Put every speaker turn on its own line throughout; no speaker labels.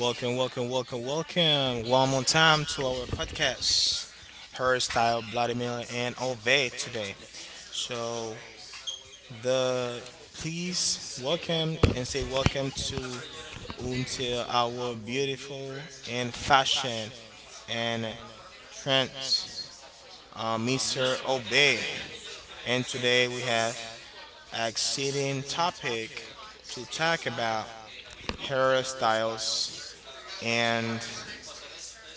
Welcome, welcome, welcome, welcome. One more time to our podcast, Hairstyle, Bloody Miller, and Ove today. So, the please welcome and say welcome to until our beautiful and fashion and trends, Mr. Obey. And today we have exciting topic to talk about hairstyles and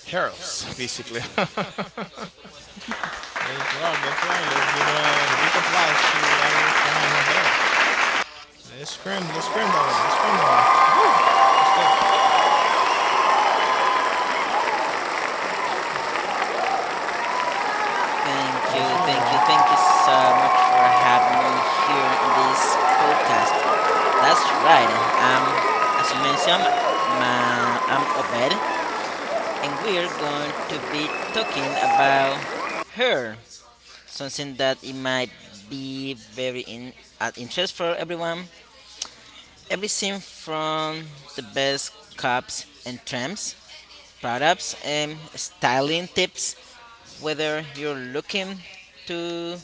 heroes, basically. Let's rock, let's rock. Let's give a big applause to our friend up back. Let's scrim that one. Let's scrim that one. Woo! Let's go.
Thank you,
Let's hear
thank you,
that one.
thank you so much for having me here in this podcast. That's right. As you mentioned, I'm Obed, and we're going to be talking about her, something that it might be very in at interest for everyone. Everything from the best cups and trams, products, and styling tips whether you're looking to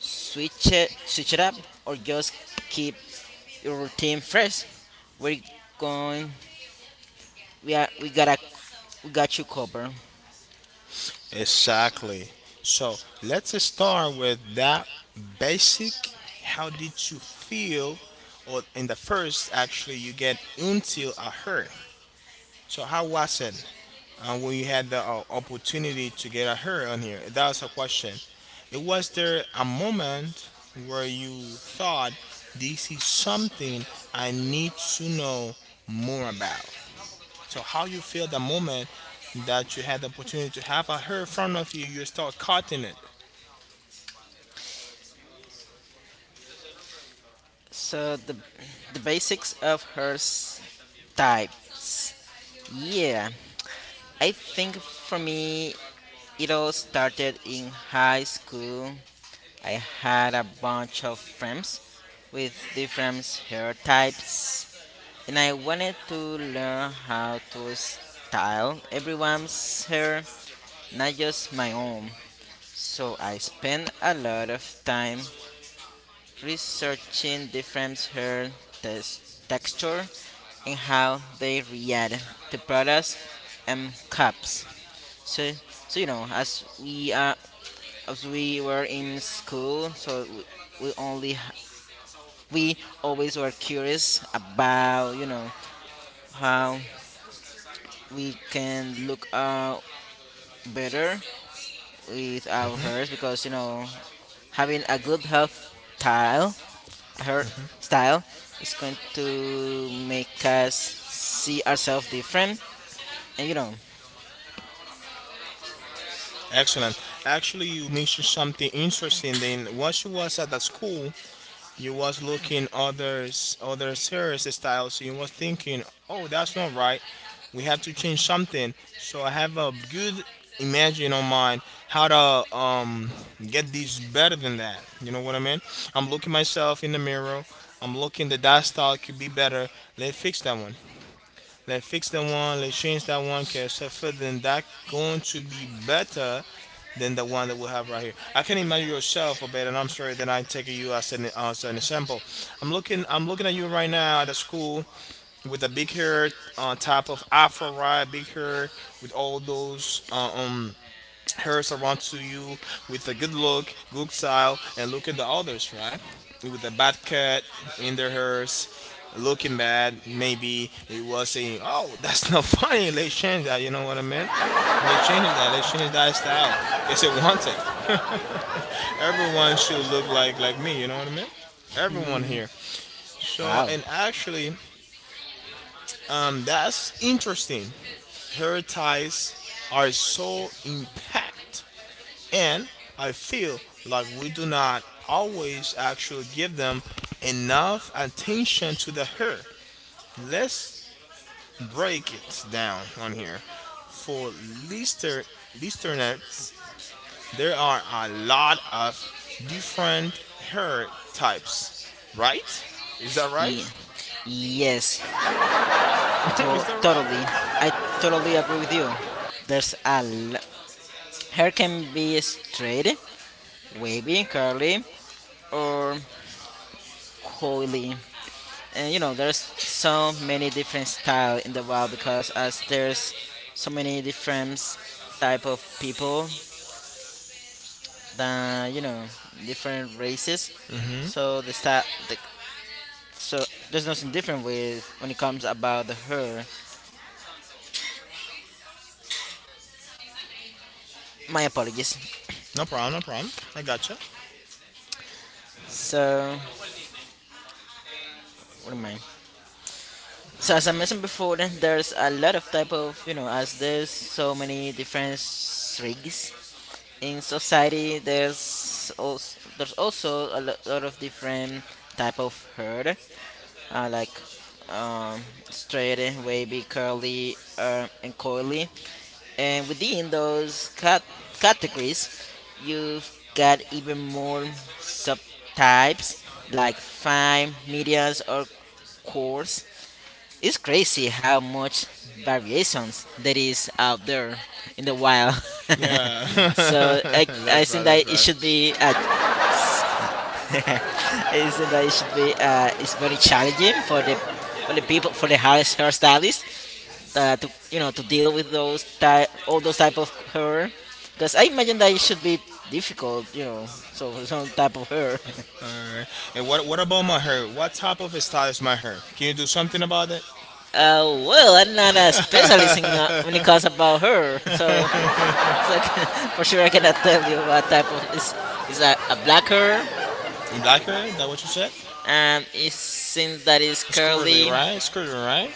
switch it up or just keep your routine fresh, we're going. We are. We got a. We got you covered.
Exactly. So let's start with that basic. How did you feel? Or in the first, actually, you get until I heard. So how was it? When you had the opportunity to get her on here? That was a question. It was there a moment where you thought this is something I need to know more about? So how you feel the moment that you had the opportunity to have a her in front of you, you start cutting it.
So the basics of her types. Yeah, I think for me it all started in high school. I had a bunch of friends with different hair types and I wanted to learn how to style everyone's hair, not just my own. So I spent a lot of time researching different hair texture and how they react to products and cups. So, so you know, as we are, as we were in school, we only, h- we always were curious about, you know, how we can look better with our hairs because you know having a style, hair style is going to make us see ourselves different, and you know,
Excellent. Actually, you mentioned something interesting. Then once she was at the school, you was looking others other serious styles, so you was thinking, oh, that's not right, we have to change something so I have a good imagine on mine how to get these better than that, you know what I mean? I'm looking myself in the mirror, I'm looking that style could be better. Let's fix that one. Let's fix that one, let's change that one, because further than that going to be better than the one that we have right here. I can imagine yourself a bit, and I'm sorry that I take you as an example. I'm looking at you right now at a school with a big hair on top of afro, right, big hair with all those hers around to you with a good look, good style, and look at the others, right? With a bad cut in their hairs, looking bad. Maybe it was saying, "Oh, that's not funny." Let's change that. You know what I mean? They changed that. They changed that style. Guess it wanted. Everyone should look like me. You know what I mean? Everyone here. So
wow,
and actually, that's interesting. Hair ties are so impact and I feel like we do not always actually give them enough attention to the hurt. Let's break it down on here. For lister, listeners, there are a lot of different hurt types, right? Is that right?
yeah, yes,
Is that
totally,
right?
I totally agree with you. There's a l- hair can be straight, wavy, curly, or coily. And you know there's so many different style in the world because as there's so many different type of people that you know different races,
hmm
so so there's nothing different with when it comes about the her. My apologies.
No problem, no problem. I gotcha.
so what am i So as I mentioned before, then there's a lot of type of, you know, as there's so many different rigs in society. There's also lot of different type of hair, like um, straight, wavy, curly, and coily. And within those categories, you've got even more subtypes like fine, mediums, or coarse. It's crazy how much variations there is out there in the wild.
Yeah.
So, I
That's right,
think that it should be
that's
s-
right.
I think that it should be it's very challenging for the people for the hairstylist, to, you know, to deal with those type all those type of hair because I imagine that it should be difficult, you know, so for some type of hair.
Her? And what about my hair? What type of style is my hair? Can you do something about it?
Well, I'm not a specialist when it comes about her, so I can, for sure, I cannot tell you what type of is. Is a blacker,
Black hair? Is that what you said?
and it seems that it's
It's curly,
curly.
right? It's curly, right? You know,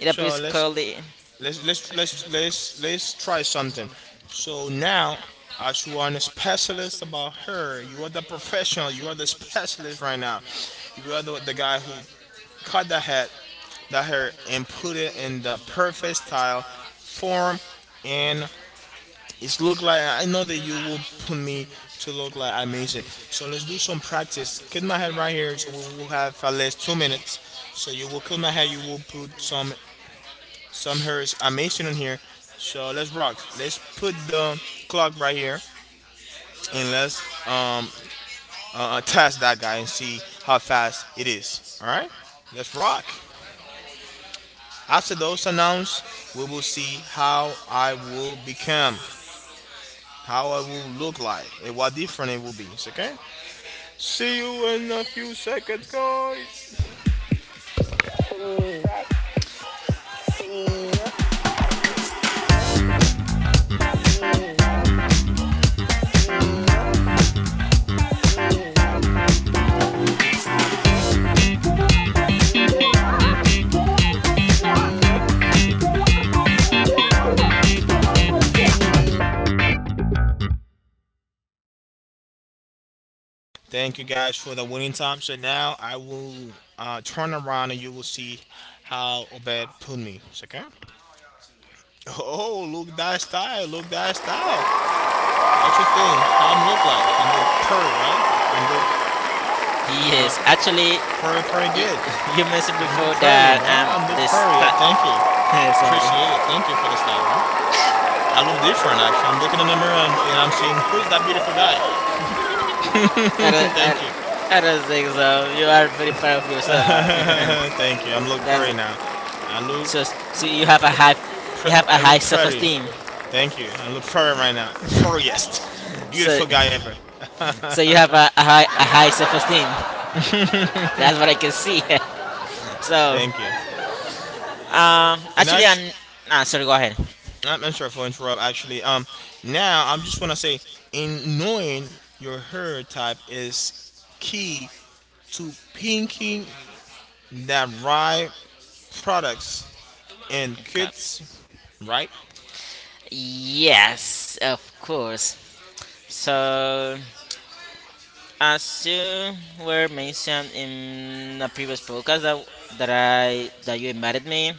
It
so
appears
it's let's curly.
curly.
Let's try something. So now, as you are a specialist about her, you are the professional. You are the specialist right now. You are the guy who cut the head, the hair, and put it in the perfect style, form, and it's look like I know that you will put me to look like I miss it. So let's do some practice. Cut my head right here, so we will have at least 2 minutes. So you will cut my head, you will put some hairs amazing on here. So let's rock. Let's put the clock right here and let's test that guy and see how fast it is. All right, let's rock. After those announced, we will see how I will become, how I will look like, and what different it will be. It's okay. See you in a few seconds, guys. Thank you guys for the winning time. So now I will turn around and you will see how Obed put me. Second. Oh, look that style. Look that style. What you think? How I'm look like? I'm look pretty, right? I'm look
Yes, actually, y
pretty, pretty good.
you mentioned
I'm look
before
pretty,
that
bro. I'm look pretty. I thank you. Appreciate
sorry,
it. Thank you for the style, bro. I look different, actually. I'm looking in the mirror and I'm saying, who is that beautiful guy.
I don't, I,
Thank
don't-
you.
I don't think so. You are very proud of yourself, but
Thank you. I'm Luke
that's
Perry now. I look,
just. So you have a you have a
I
high
look Perry.
self-esteem.
Thank you. I look Perry right now. Perriest.
So
Beautiful guy ever.
so you have a high self-esteem. That's what I can see. So.
Thank you. And
Actually,
actually,
and ah, sorry, go ahead.
I'm not sure if I interrupt. Actually, now I just want to say, in knowing your hair type is key to pinking the right products and
Okay.
kits. Right?
Yes, of course. So, as you were mentioned in a previous podcast that that I that you invited me.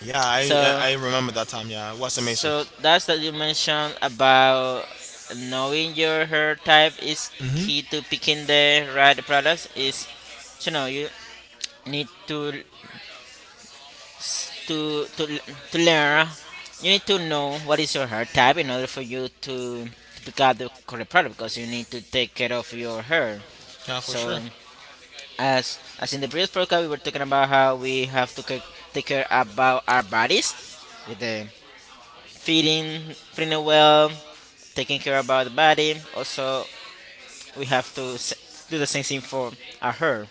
Yeah, I
So,
I I remember that time. Yeah, it was amazing.
so that's that you mentioned about knowing your hair type is key to picking the right products. Is, you know, you need to to learn, you need to know what is your hair type in order for you to pick out the correct product because you need to take care of your hair.
Yeah, for sure.
So as, in the previous podcast, we were talking about how we have to take care about our bodies with the feeding well, taking care about the body. Also, we have to do the same thing for our hair.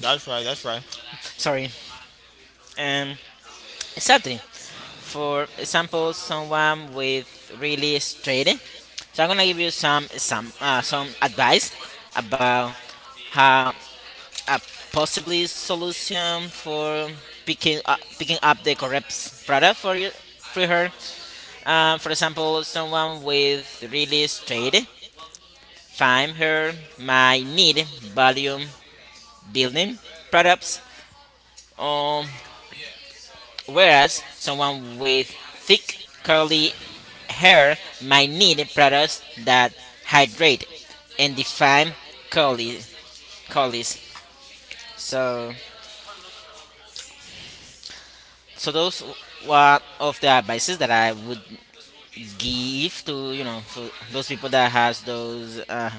That's right. That's right.
Sorry. Um, exactly. For example, someone with really trading. So I'm gonna give you some advice about how a possibly solution for picking up the correct product for you for her. For example, someone with really trading find her might need volume building products or whereas someone with thick curly hair might need products that hydrate and define curly curlies. So, those were of the advices that I would give to, you know, for those people that has those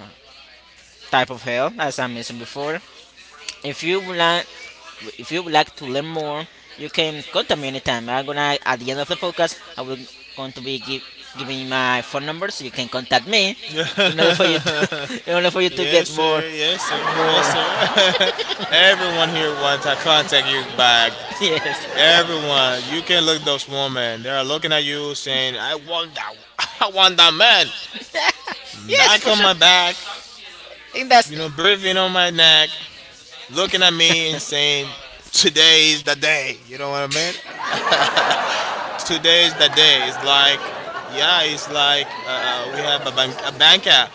type of hair as I mentioned before. If you would like, if you would like to learn more, you can contact me anytime. I'm gonna At the end of the podcast, I will going to be give, giving you my phone
You
number so you can contact me, in order for you to, in order for you to
yes,
get
sir. Yes, sir. Yes,
more.
sir. Everyone here wants to contact you back.
Yes,
Everyone, you can look those women. They are looking at you saying, "I want that. I want that man."
yes,
Back
for
on
sure.
my back,
I think that's
you know, breathing on my neck. Looking at me and saying, "Today is the day." You know what I mean? Today is the day. It's like, yeah, it's like we have a, bank, a banker,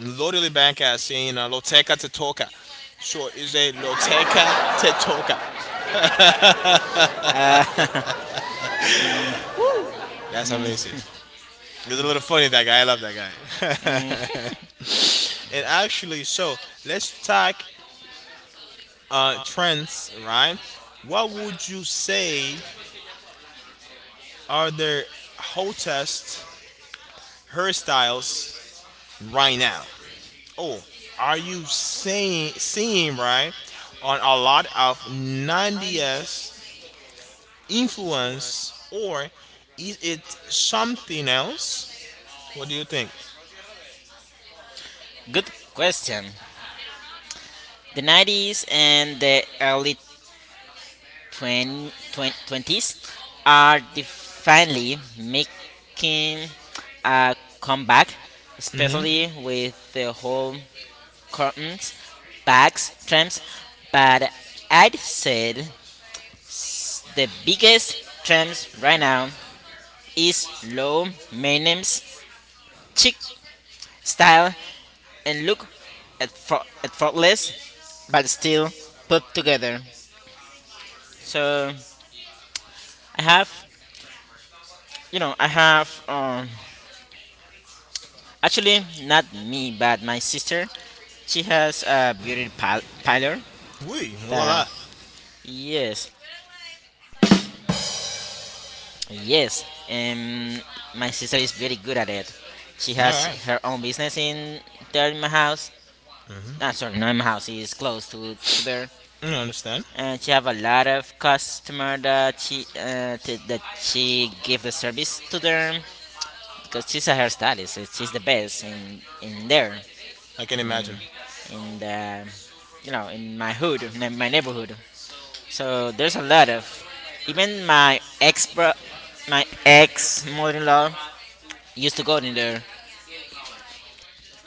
literally banker, saying loteka tetoka." So it's a loteka tetoka."
uh,
Woo! That's amazing. It's a little funny that guy. I love that guy. And actually, so let's talk trends, right? What would you say are the hottest hairstyles right now. Oh, are you seeing right on a lot of 90s influence or is it something else? What do you think?
good question. The 90s and the early 20s are definitely making a comeback,
Mm-hmm.
especially with the whole curtains, bags, trends. But I'd said the biggest trends right now is low maintenance, chic style, and look at faultless, but still put together. So I have, you know, I have actually, not me, but my sister. She has a beauty parlor.
Oui, ooh la
that-
la.
yes, yes. My sister is very good at it. She
All
has
right.
her own business in there in my house. Ah, sorry, not in my house. It's close to there,
I understand.
and she have a lot of customer that she that she give the service to them because she's a hairstylist. And she's the best in there
I can imagine.
in the, you know, in my hood, in my neighborhood. So there's a lot of, even my ex bro, my ex mother-in-law used to go in there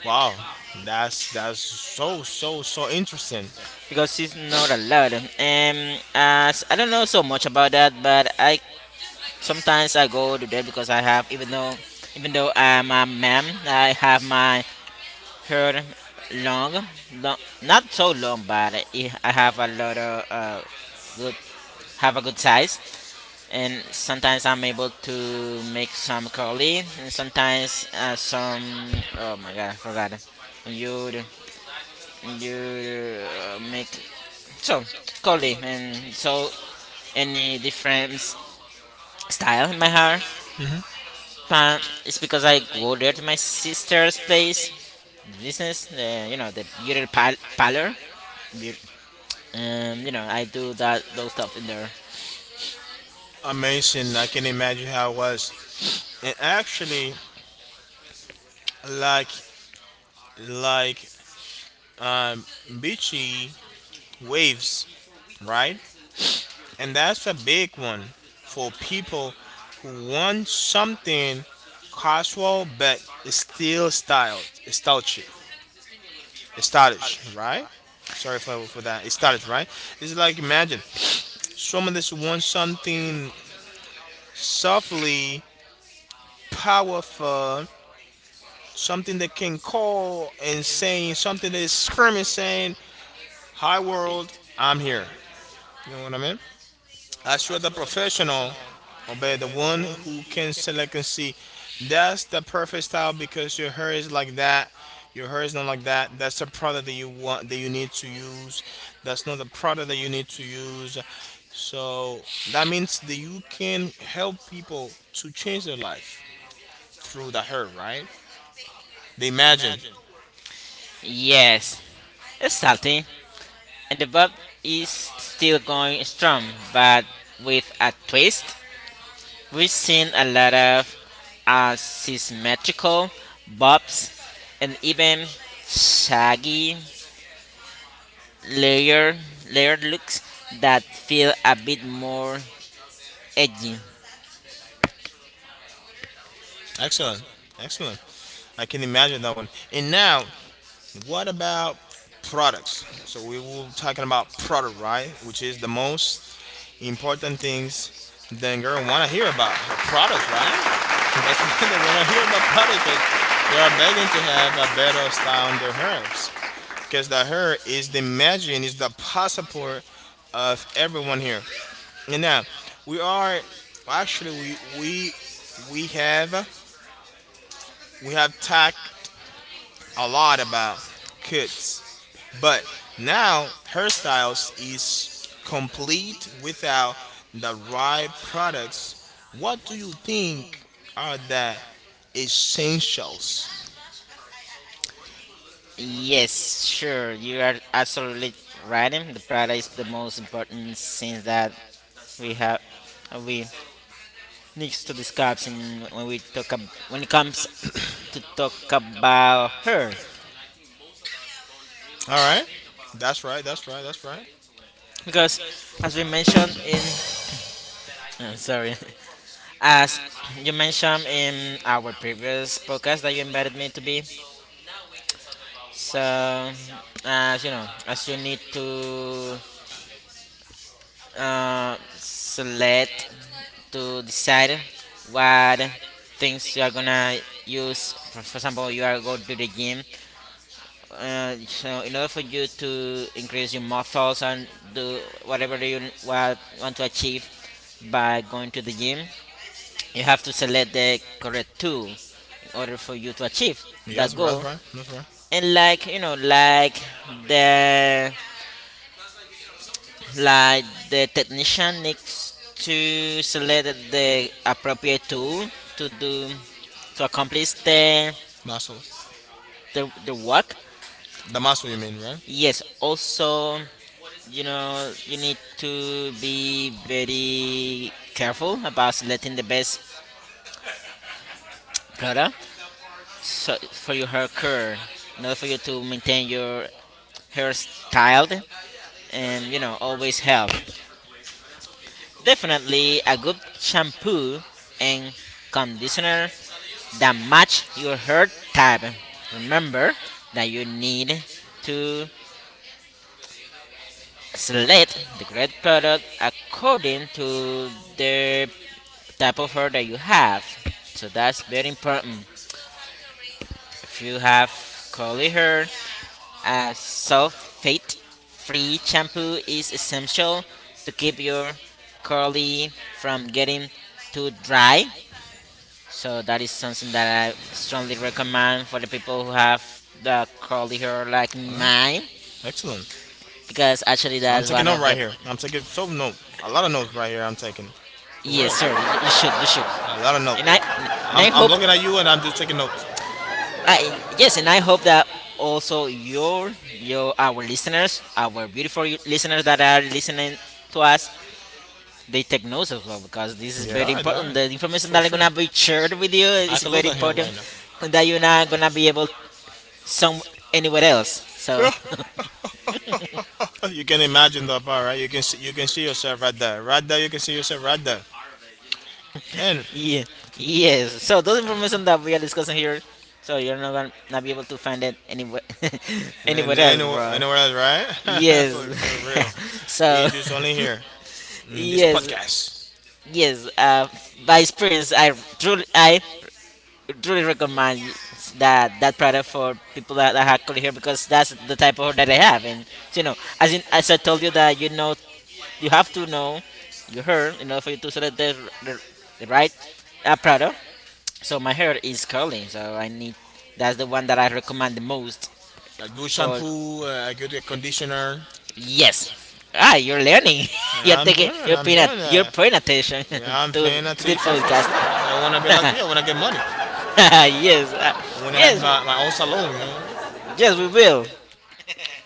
Wow, that's so interesting.
because she's not allowed. As I don't know so much about that, but I sometimes I go to there because I have, even though I'm a man, I have my heard long, long, not so long, but it, I have a lot of good, have a good size, and sometimes I'm able to make some curly, and sometimes some. Oh my god, I forgot. You you make so curly, and so any different style in my hair
Hmm.
um, it's because I go there to my sister's place, business. You know, the beauty parlor. Beau- you know, I do that those stuff in there.
Amazing. I can imagine how it was. And actually, like like beachy waves, right? And that's a big one for people who want something casual but still styled, stylish, stylish, right? Sorry for that. It started right. It's like imagine someone that's wants something softly powerful, something that can call and saying something that is screaming, saying, "Hi world, I'm here." You know what I mean? As you're the professional, or better, the one who can select and see, that's the perfect style because your hair is like that. Your hair is not like that. That's the product that you want, that you need to use. That's not the product that you need to use. So that means that you can help people to change their life through the hair, right? They imagine
Yes, it's salty, and the bob is still going strong, but with a twist. We've seen a lot of asymmetrical bobs and even shaggy layered looks that feel a bit more Eddie.
excellent. Excellent. I can imagine that one. And now, what about products? So we were talking about product, right? Which is the most important things that girl wanna hear about. Products, right? That's what they wanna hear about product, cause they are begging to have a better style on their hairs. Because the hair is the imagine, is the passport of everyone here. And now, we are actually we have we have talked a lot about kids, but now hairstyles is complete without the right products. What do you think are the essentials?
Yes, sure, you are absolutely right. The prada is the most important thing that we have we needs to discuss in when we when it comes to talk about her
All right, that's right.
because as we mentioned in sorry as you mentioned in our previous podcast that you invited me to be, so as you know as you need to select to decide what things you are gonna use. For example, you are go to the gym. So in order for you to increase your muscles and do whatever you want to achieve by going to the gym, you have to select the correct tool in order for you to achieve
Yes,
that goal.
that's right.
And like you know, the like the technician needs to select the appropriate tool to do to accomplish
Muscle,
the work.
the muscle you mean, right?
Yes, also you know you need to be very careful about selecting the best product so for your hair care in order for you to maintain your hair styled and you know always health, definitely a good shampoo and conditioner that match your hair type. Remember that you need to select the correct product according to the type of hair that you have. So that's very important. If you have curly hair, a sulfate free shampoo is essential to keep your curly from getting too dry. So that is something that I strongly recommend for the people who have the curly hair like
All right.
mine,
Excellent.
because actually
I'm
that's
taking
one
note
of
right
the,
here. I'm taking so note. A lot of notes right here. I'm taking for real.
yes, sir. You
Yes,
should, you should,
a lot of notes. I, I,
and I
I'm I'm
hope,
looking at you and I'm just taking notes.
I yes, and I hope that also your our listeners, our beautiful listeners that are listening to us, they take notes as well because this is
Yeah,
very
all
important.
right.
The information
For
that I'm
sure.
gonna be shared with you
I
is
It's can look
very
very at him right
important,
important.
and that you're not gonna be able
Now.
some anywhere else. So
Yeah. You can imagine that part, right? You can see yourself right there, right there. You can see yourself right there, and
yeah, yes. So those information that we are discussing here, so you're not gonna not be able to find it anywhere
and
anywhere else,
anywhere,
bro.
anywhere else, right?
Yes.
For real,
So.
it's just only here in this
Yes,
podcast.
yes. By experience, I truly recommend that product for people that have curly hair because that's the type of hair that I have, and so, you know, as I told you that you know you have to know your hair in order for you to select the, the right product. So my hair is curly, so I need that's the one that I recommend the most
A good
for
shampoo, a good conditioner.
yes. Ah, you're learning. you're
Yeah, I'm doing.
taking you're
I'm
paying at,
doing
you're
that.
paying attention to
Yeah, I'm paying
to the
attention for sure. I
podcast.
wanna be like you. I wanna get money.
Yes.
I
Ah,
wanna have
yes.
my own salon. You know what I mean?
Yes, we will.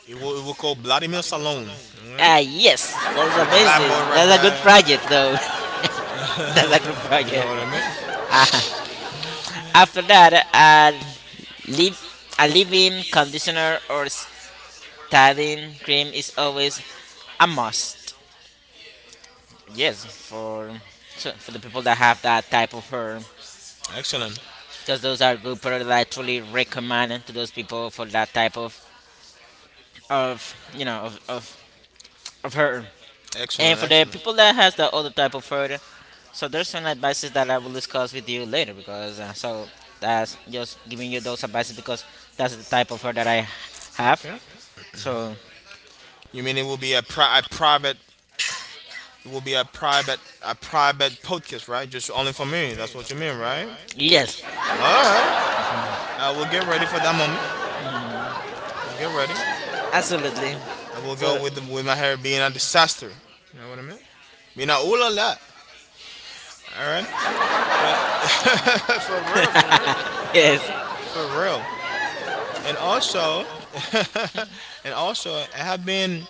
It will call Vladimir Salon. You know what I mean?
Ah,
With
yes. That's
a black
amazing.
boy right
That's a good
there. Project
project though. That's a good
though. You know
project.
what
Bro.
I mean?
Ah, after that, a leave a leave-in conditioner or styling cream is always a must. Yes, for so for the people that have that type of hair,
Excellent,
because those are good products that I truly recommend to those people for that type of of hair. And
excellent,
for the
excellent.
people that has the other type of hair, so there's some advices that I will discuss with you later because so that's just giving you those advices because that's the type of hair that I have.
Okay.
So
You mean it will be a private it will be a private podcast, right? Just only for me. That's what you mean, right?
yes,
Alright. I will get ready for that moment. I will get ready.
absolutely.
I will go
So
with the, with my hair being a disaster. You know what I mean? Being a ooh la la. Alright? Uh, for real, for real.
yes,
For real. And also and also I have been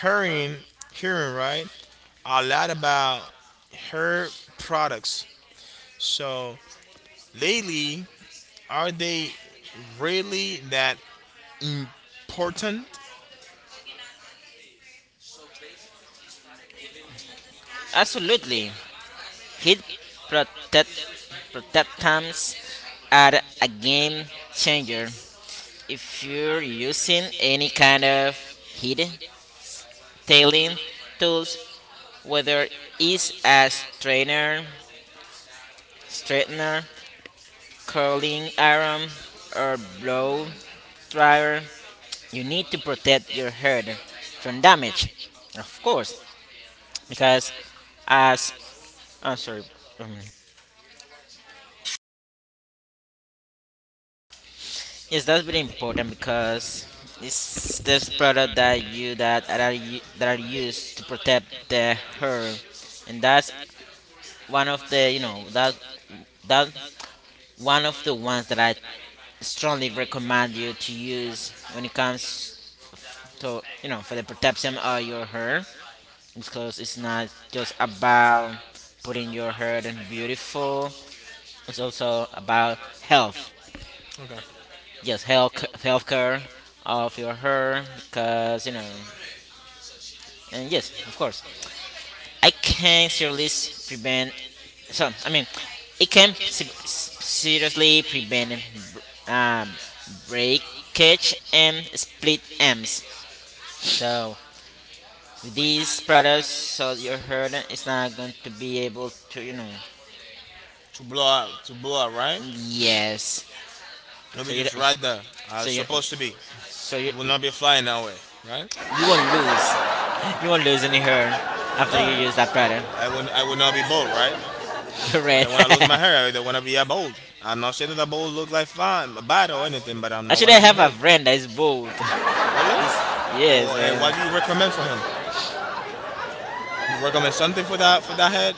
hearing hearing, right? A lot about her products. So lately are they really that important?
absolutely. His protect, protectance are a game changer. If you're using any kind of heat tailing tools, whether it's a straightener, curling iron, or blow dryer, you need to protect your head from damage, of course, because as I'm sorry, um, yes, that's very important because it's this product that that are used to protect the hair, and that's one of the you know that one of the ones that I strongly recommend you to use when it comes to you know for the protection of your hair because it's not just about putting your hair and beautiful. It's also about health.
Okay.
Yes, health health care of your hair because you know and yes, of course, I can seriously prevent. So I mean, it can seriously prevent br- um, breakage and split ends. So with these products, so your herd is not going to be able to, you know.
To blow out, right?
Yes.
Let
So
me
you,
just
don't-
right there.
so
It's
you,
supposed to be.
so you,
It will not be flying that way, right?
you won't lose. You won't lose any hair after
All
you
right.
use that product.
I will not be bald, right?
The
I
red.
don't want to lose my hair. I don't want to be a bald. I'm not saying that a bald look like fine, bad or anything, but I'm not
Actually,
want
I
to be
have a
bald.
friend that is bald.
Really?
It's,
Or
yes, and
what do you recommend for him? You recommend something for that head?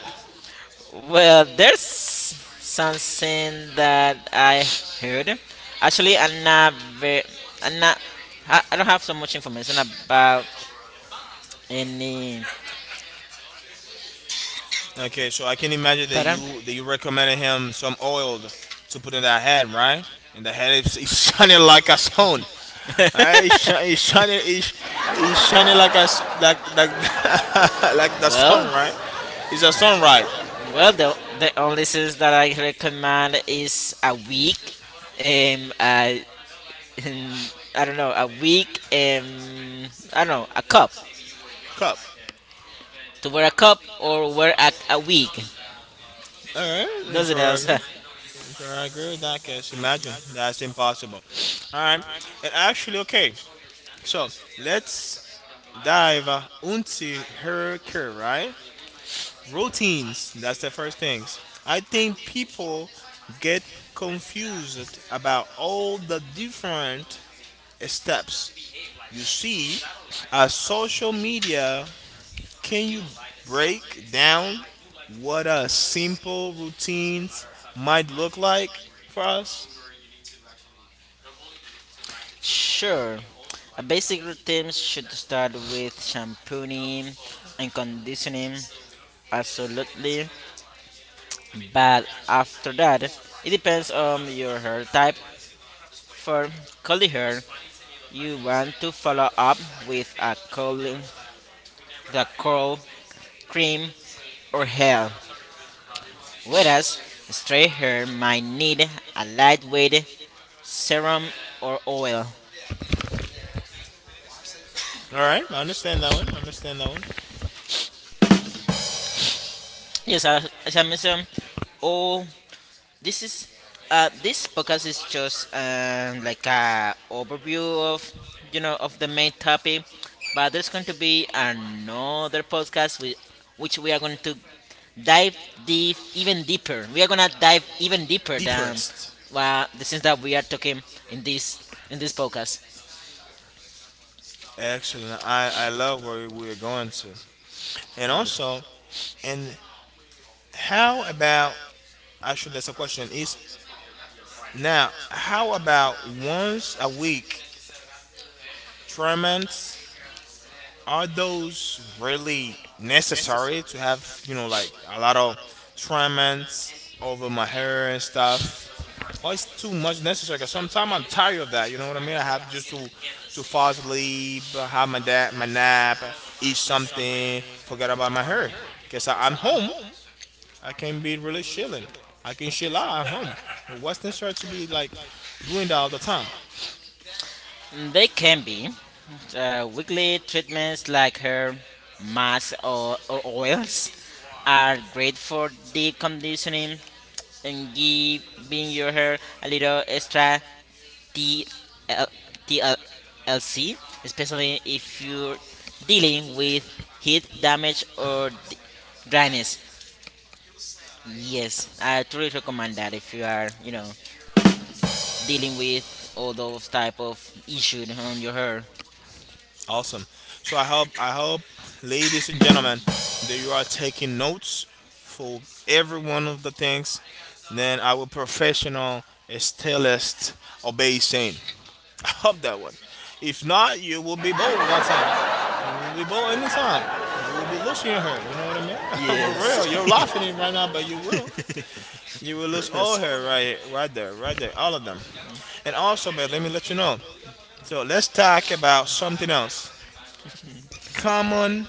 well, there's something that I heard. Actually, I'm not very, I'm not, I don't have so much information about any
Okay, so I can imagine
pattern.
that you recommended him some oil to put in that head, right? And the head is shining like a sun. Alright, it's shining, it's shining like a like the sun,
well,
right? It's a sun sunrise
well, the only things that I recommend is a week. Um, I, I don't know, a week. I don't know, a cup
cup.
to wear a cup or wear a wig.
Alright, it's
Those are
where I
those.
agree. It's where I agree with that. Cause imagine that's impossible. Alright, and actually, okay, so let's dive into her care, right? Routines. That's the first things. I think people get confused about all the different steps you see as social media. Can you break down what a simple routines might look like for us?
Sure. A basic routine should start with shampooing and conditioning, absolutely. But after that, it depends on your hair type. For curly hair, you want to follow up with the curl cream or gel, whereas straight hair might need a lightweight serum or oil.
All right, I understand that one. I understand that one.
Yes, as I mentioned, all this is this podcast is just like a overview of you know of the main topic, but there's going to be another podcast with which we are going to dive deep even deeper. We are gonna dive even deeper than
Deepest.
the things that we are talking in this podcast.
Excellent. I love where we are going to. And also, and how about, actually, that's a question, is now, how about once a week, tournaments are those really necessary to have you know like a lot of treatments over my hair and stuff, well it's too much necessary because sometimes I'm tired of that, you know what I mean, I have just to fall asleep, have my dad my nap, eat something, forget about my hair because I'm home. I can be really chilling. I can chill out at home. But what's necessary to be like doing that all the time?
Mm, they can be. Weekly treatments like hair masks or oils are great for deep conditioning and giving your hair a little extra TL, TLC, especially if you're dealing with heat damage or dryness. Yes, I truly recommend that if you are, you know, dealing with all those type of issues on your hair.
Awesome. So I hope, ladies and gentlemen, that you are taking notes for every one of the things. Then our professional stylist obey saying. I hope that one. If not, you will be bold one time. You will be bold anytime. You will be losing your hair. You know what I mean? For real, you're
Yes.
laughing it right now, but you will. You will lose all hair right, right there, right there, all of them. And also, but let me let you know. So let's talk about something else. Common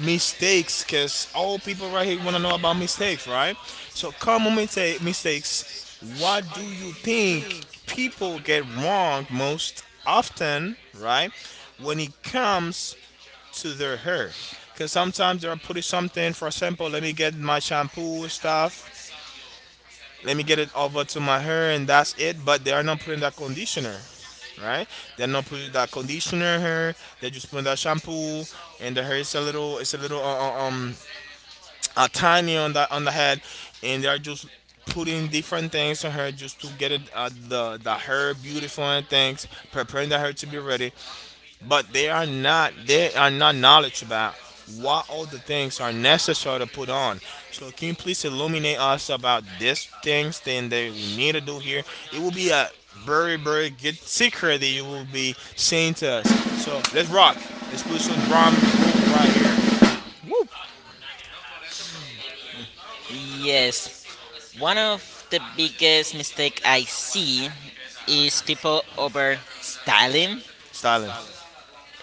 mistakes, because all people right here want to know about mistakes, right? So common mistakes, what do you think people get wrong most often, right, when it comes to their hair? Because sometimes they're putting something, for example, let me get my shampoo stuff, let me get it over to my hair and that's it, but they are not putting that conditioner, right? They're not putting that conditioner in her. They're just putting that shampoo, and the hair is a little, it's a little a tiny on the head, and they're just putting different things on her just to get it the hair beautiful and things, preparing the hair to be ready. But they are not, they are not knowledge about what all the things are necessary to put on. So can you please illuminate us about these things then that we need to do here? It will be a very very good secret that you will be saying to us. So let's rock. Let's put some drum roll right here. Woo!
Yes. One of the biggest mistake I see is people over styling.
Styling.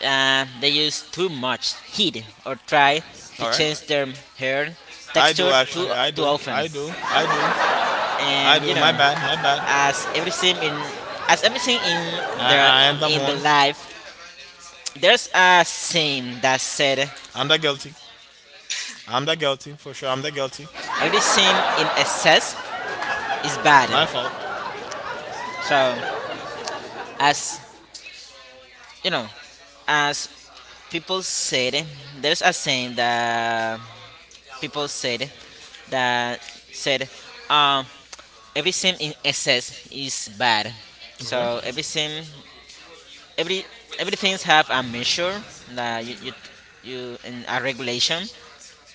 They use too much heat or try to
All right.
change their hair
Do
texture
actually. I
too
do.
often.
I do. I do. I
And you
do.
know,
My bad. My bad.
as everything in as everything
I,
the
I am the
in the
one.
life, there's a saying that said
I'm the guilty. I'm the guilty for sure. I'm the guilty.
everything in excess is bad.
My fault.
So as you know, as people said there's a saying that people that said um everything in excess is bad.
Okay.
So
If
every everything have a measure that you and a regulation.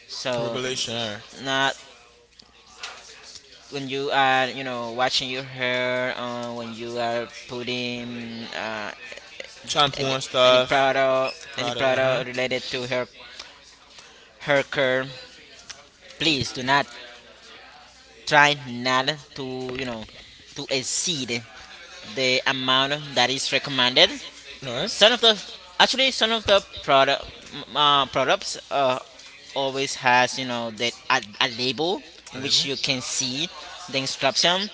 So
regulation. All right.
not when you are you know washing your hair when you are putting
Shampoo
any,
and stuff.
any
Product. Uh huh.
product related to her her care please do not try not to, you know, to exceed the amount that is recommended.
All right.
Some of the actually some of the products always has you know that a label in which you can see the instruction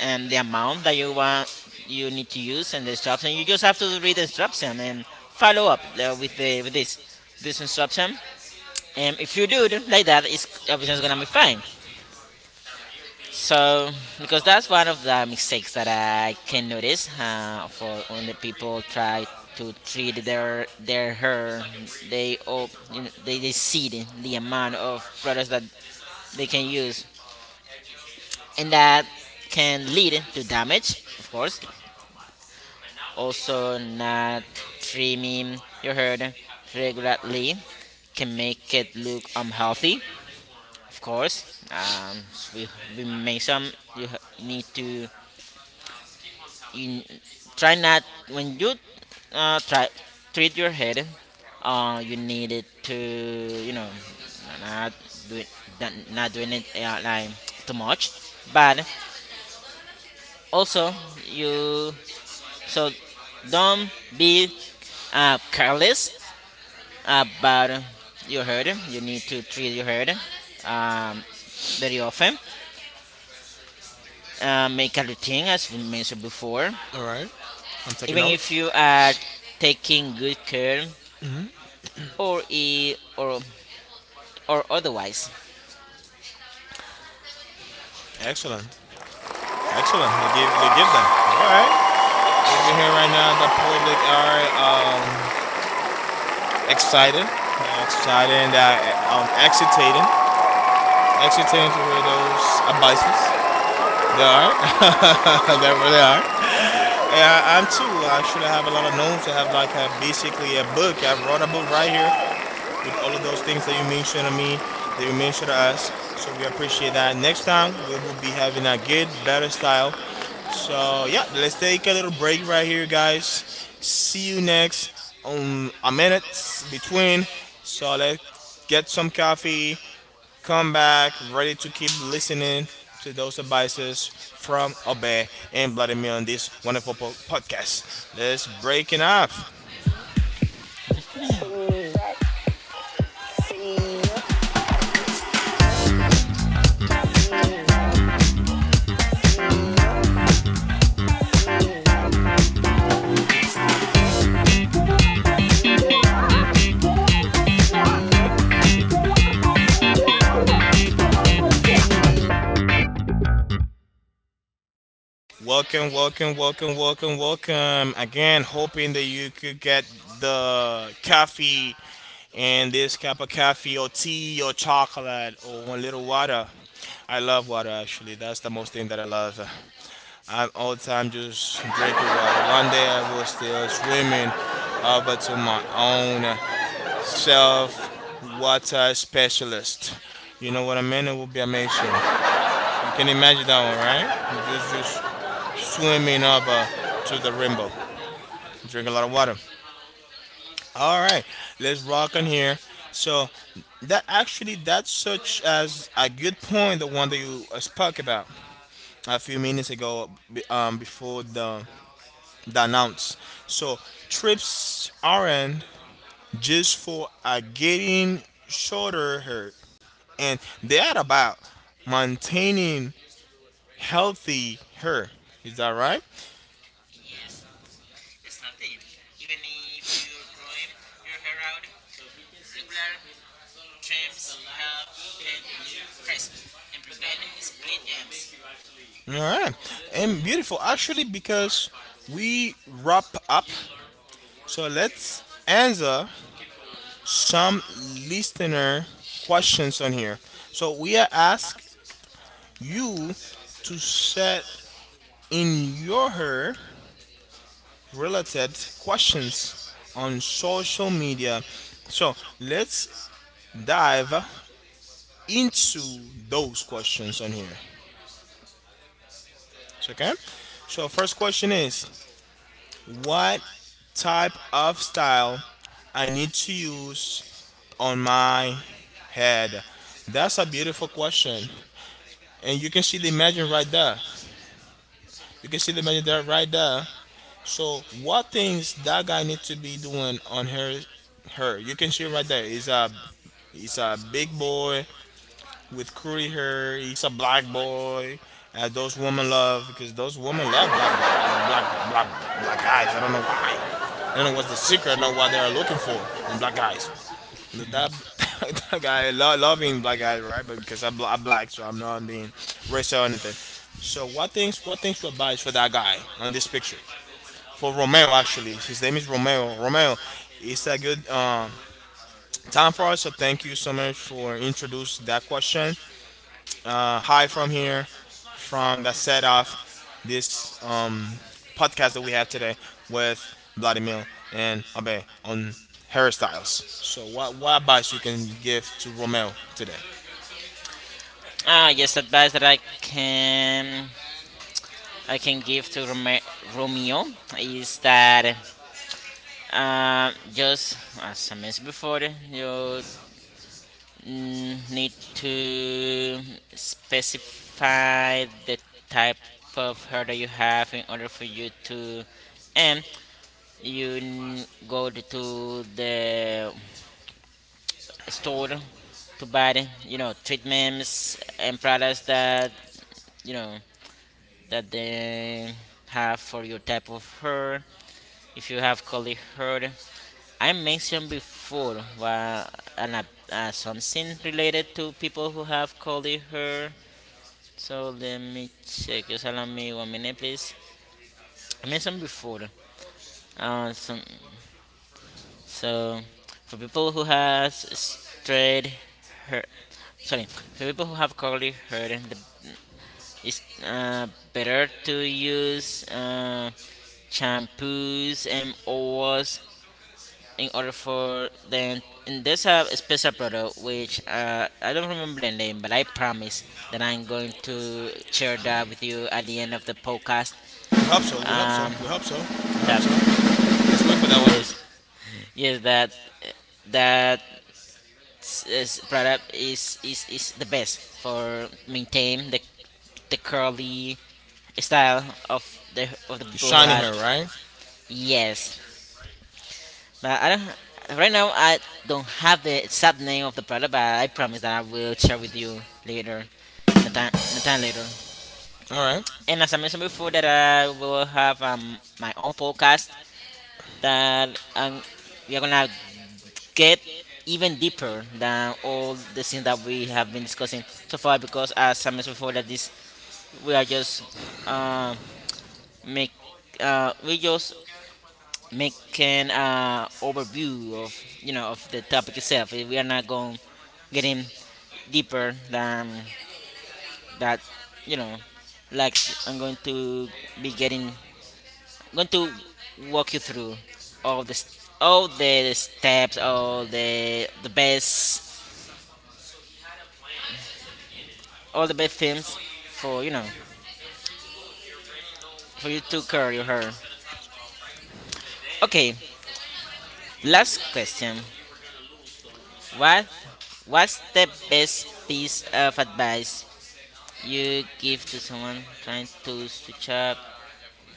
and the amount that you need to use and the instruction. You just have to read the instruction and follow up with the with this this instruction. And if you do it like that, it's everything's gonna be fine. So, because that's one of the mistakes that I can notice for when the people try to treat their hair, they all you know, they exceed the amount of products that they can use, and that can lead to damage, of course. Also, not trimming your hair regularly can make it look unhealthy. Of course, um, s- we we make some. You need to you try not when you try treat your head you need it to you know not do it not doing it like too much but also you so don't be careless about your head you need to treat your head um, very often, make a routine as we mentioned before
All right. I'm taking
even if
if
you are taking good care or e or or otherwise.
excellent. Excellent. They give them. All right. You can hear right now the public are excited. They're excited. They're excitating. Excitating to hear those abices. They are. They really are. And I'm too. Actually, I actually have a lot of knowns. I have like a, basically a book. I wrote a book right here with all of those things that you mentioned to me, that you mentioned to us. So we appreciate that. Next time we will be having a good, better style. So yeah, let's take a little break right here, guys. See you next on a minute between. So let's get some coffee, come back, ready to keep listening to those advices from Obey and Vladimir on this wonderful podcast. Let's break it off. Welcome, welcome, welcome, welcome, welcome. Again, hoping that you could get the coffee and this cup of coffee or tea or chocolate or one little water. I love water actually. That's the most thing that I love. I'm all the time just drinking water. One day I was still swimming over to my own self water specialist. You know what I mean? It would be amazing. You can imagine that one, right? You just swimming up to the rainbow. Drink a lot of water. All right, let's rock on here. So that actually that's such as a good point, the one that you spoke about a few minutes ago, before the announce. So trips aren't just for a getting shorter hair, and they are about maintaining healthy hair. Is that right? All right, and beautiful actually because we wrap up. So let's answer some listener questions on here. So we are ask you to set in your her related questions on social media. So let's dive into those questions on here. So, okay. So first question is, what type of style I need to use on my head? That's a beautiful question. And you can see the imagine right there. You can see the imagine there right there. So what things that guy need to be doing on her her? You can see right there. He's a big boy with Crudy her. He's a black boy. And those women love, because those women love black ba- black black black guys. I don't know why. I don't know what's the secret. I don't know what they are looking for on black guys. That, that loving black guys, right? But because I'm, I'm black, so I'm not being racist or anything. So what things, what things to advise for that guy on this picture? For Romeo actually, his name is Romeo. Romeo, it's a good time for us. So thank you so much for introduce that question. Hi from here, from that set off this podcast that we have today with Vladimir and Abe on hairstyles. So, what advice you can give to Romeo today?
Ah, yes, advice that I can give to Romeo is that just as I mentioned before, you need to specify the type of hair that you have in order for you to and you go to the store to buy you know treatments and products that you know that they have for your type of hair if you have curly hair I mentioned before an, uh, something related to people who have curly hair so let me check just allow me one minute please. I mentioned before uh, some, so for people who has straight hair sorry for people who have curly hair the it's better to use shampoos and oils in order for then. And there's a special product which I don't remember the name, but I promise that I'm going to share that with you at the end of the podcast.
We hope so. We hope so.
Um,
We hope so. We hope
that
so. Let's wait for that
yes,
one.
yes, that that s- is product is is the best for maintain the curly style of the
You're
people who
shining
has
hair, right?
yes. But I don't. Right now, I don't have the exact name of the product, but I promise that I will share with you later, in a time later.
All right.
And as I mentioned before, that I will have my own podcast that we are gonna get even deeper than all the things that we have been discussing so far. Because as I mentioned before, that this we are just uh, make we just making overview of you know of the topic itself. We are not going getting deeper than that. You know, like I'm going to be getting. I'm going to walk you through all the steps, all the best things for you know for you to curl your hair. Okay, last question. What what's the best piece of advice you give to someone trying to switch up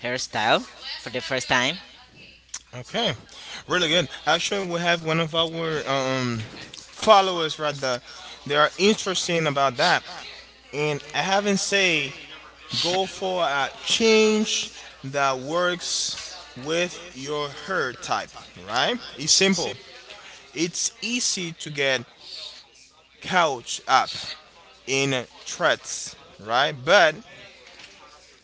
hairstyle for the first time.
Okay. Really good. Actually, we have one of our followers right there. They are interesting about that, and I haven't say go for a change that works with your hair type, right? It's simple. It's easy to get couch up in threats. Right? But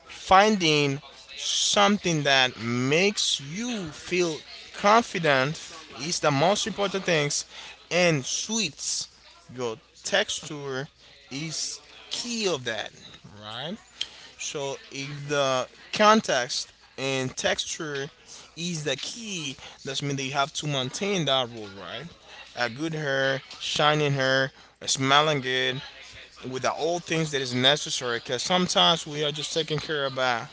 finding something that makes you feel confident is the most important things, and sweets your texture is key of that, right? So if the context and texture is the key, that's mean that you have to maintain that rule, right? A good hair, shining hair, smelling good with the old things that is necessary, because sometimes we are just taking care about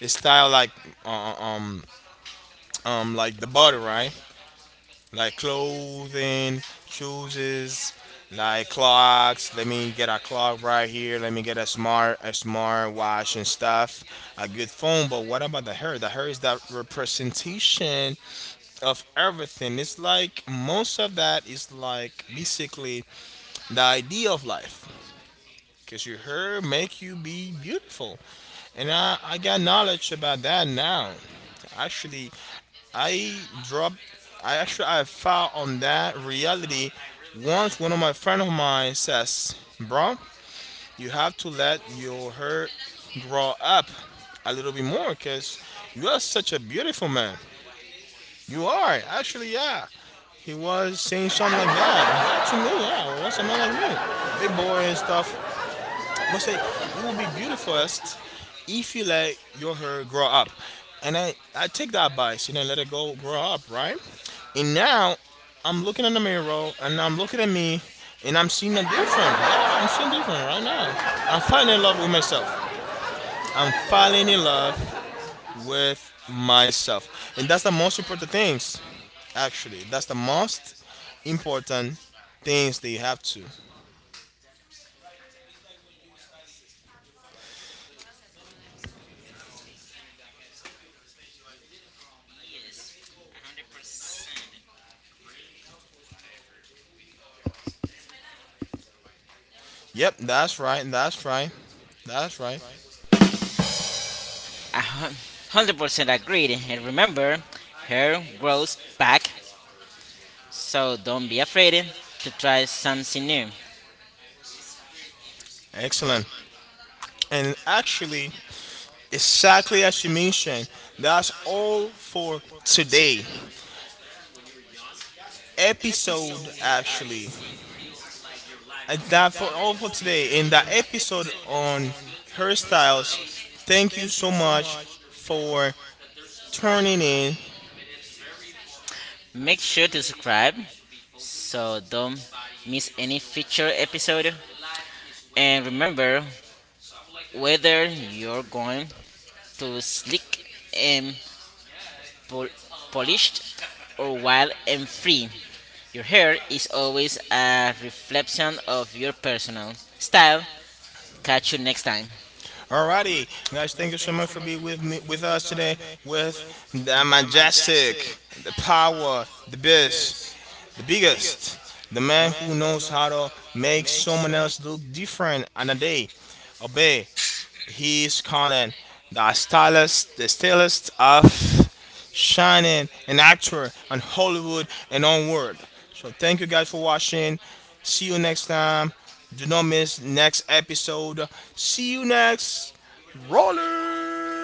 the style uh, um like the body, right? Like clothing, shoes, like clocks. Let me get a clock right here, let me get a smart watch and stuff, a good phone. But what about the hair? The hair is that representation of everything. It's like most of that is like basically the idea of life, because your hair make you be beautiful. And I got knowledge about that now. Actually, I dropped. I found on that reality. Once one of my friend of mine says, "Bro, you have to let your hair grow up a little bit more, cause you are such a beautiful man. You are actually, yeah." He was saying something like that. Yeah, to me, yeah. What's a man like me, a big boy and stuff, gonna say? You will be beautifulest if you let your hair grow up. And I take that advice, you know, let it go grow up, right? And now I'm looking in the mirror and I'm looking at me and I'm seeing a different. Yeah, I'm seeing different right now. I'm falling in love with myself. I'm falling in love with myself. And that's the most important things. Actually, that's the most important things that you have to. Yep, that's right, that's right, that's right.
I hun- 100% agreed. And remember, hair grows back, so don't be afraid to try something new.
Excellent. And actually, exactly as you mentioned, that's all for today episode. Actually, and that for all for today in that episode on hairstyles. Thank you so much for turning in.
Make sure to subscribe so don't miss any future episode. And remember, whether you're going to slick and pol- polished or wild and free. Your hair is always a reflection of your personal style. Catch you next time.
Alrighty, guys, thank you so much for being with me with us today with the majestic, the power, the best. Biggest. The man who knows how to make someone else look different on a day. Obey. He is calling the stylist of shining an actor on Hollywood and onward. So thank you guys for watching. See you next time. Do not miss next episode. See you next. Roller.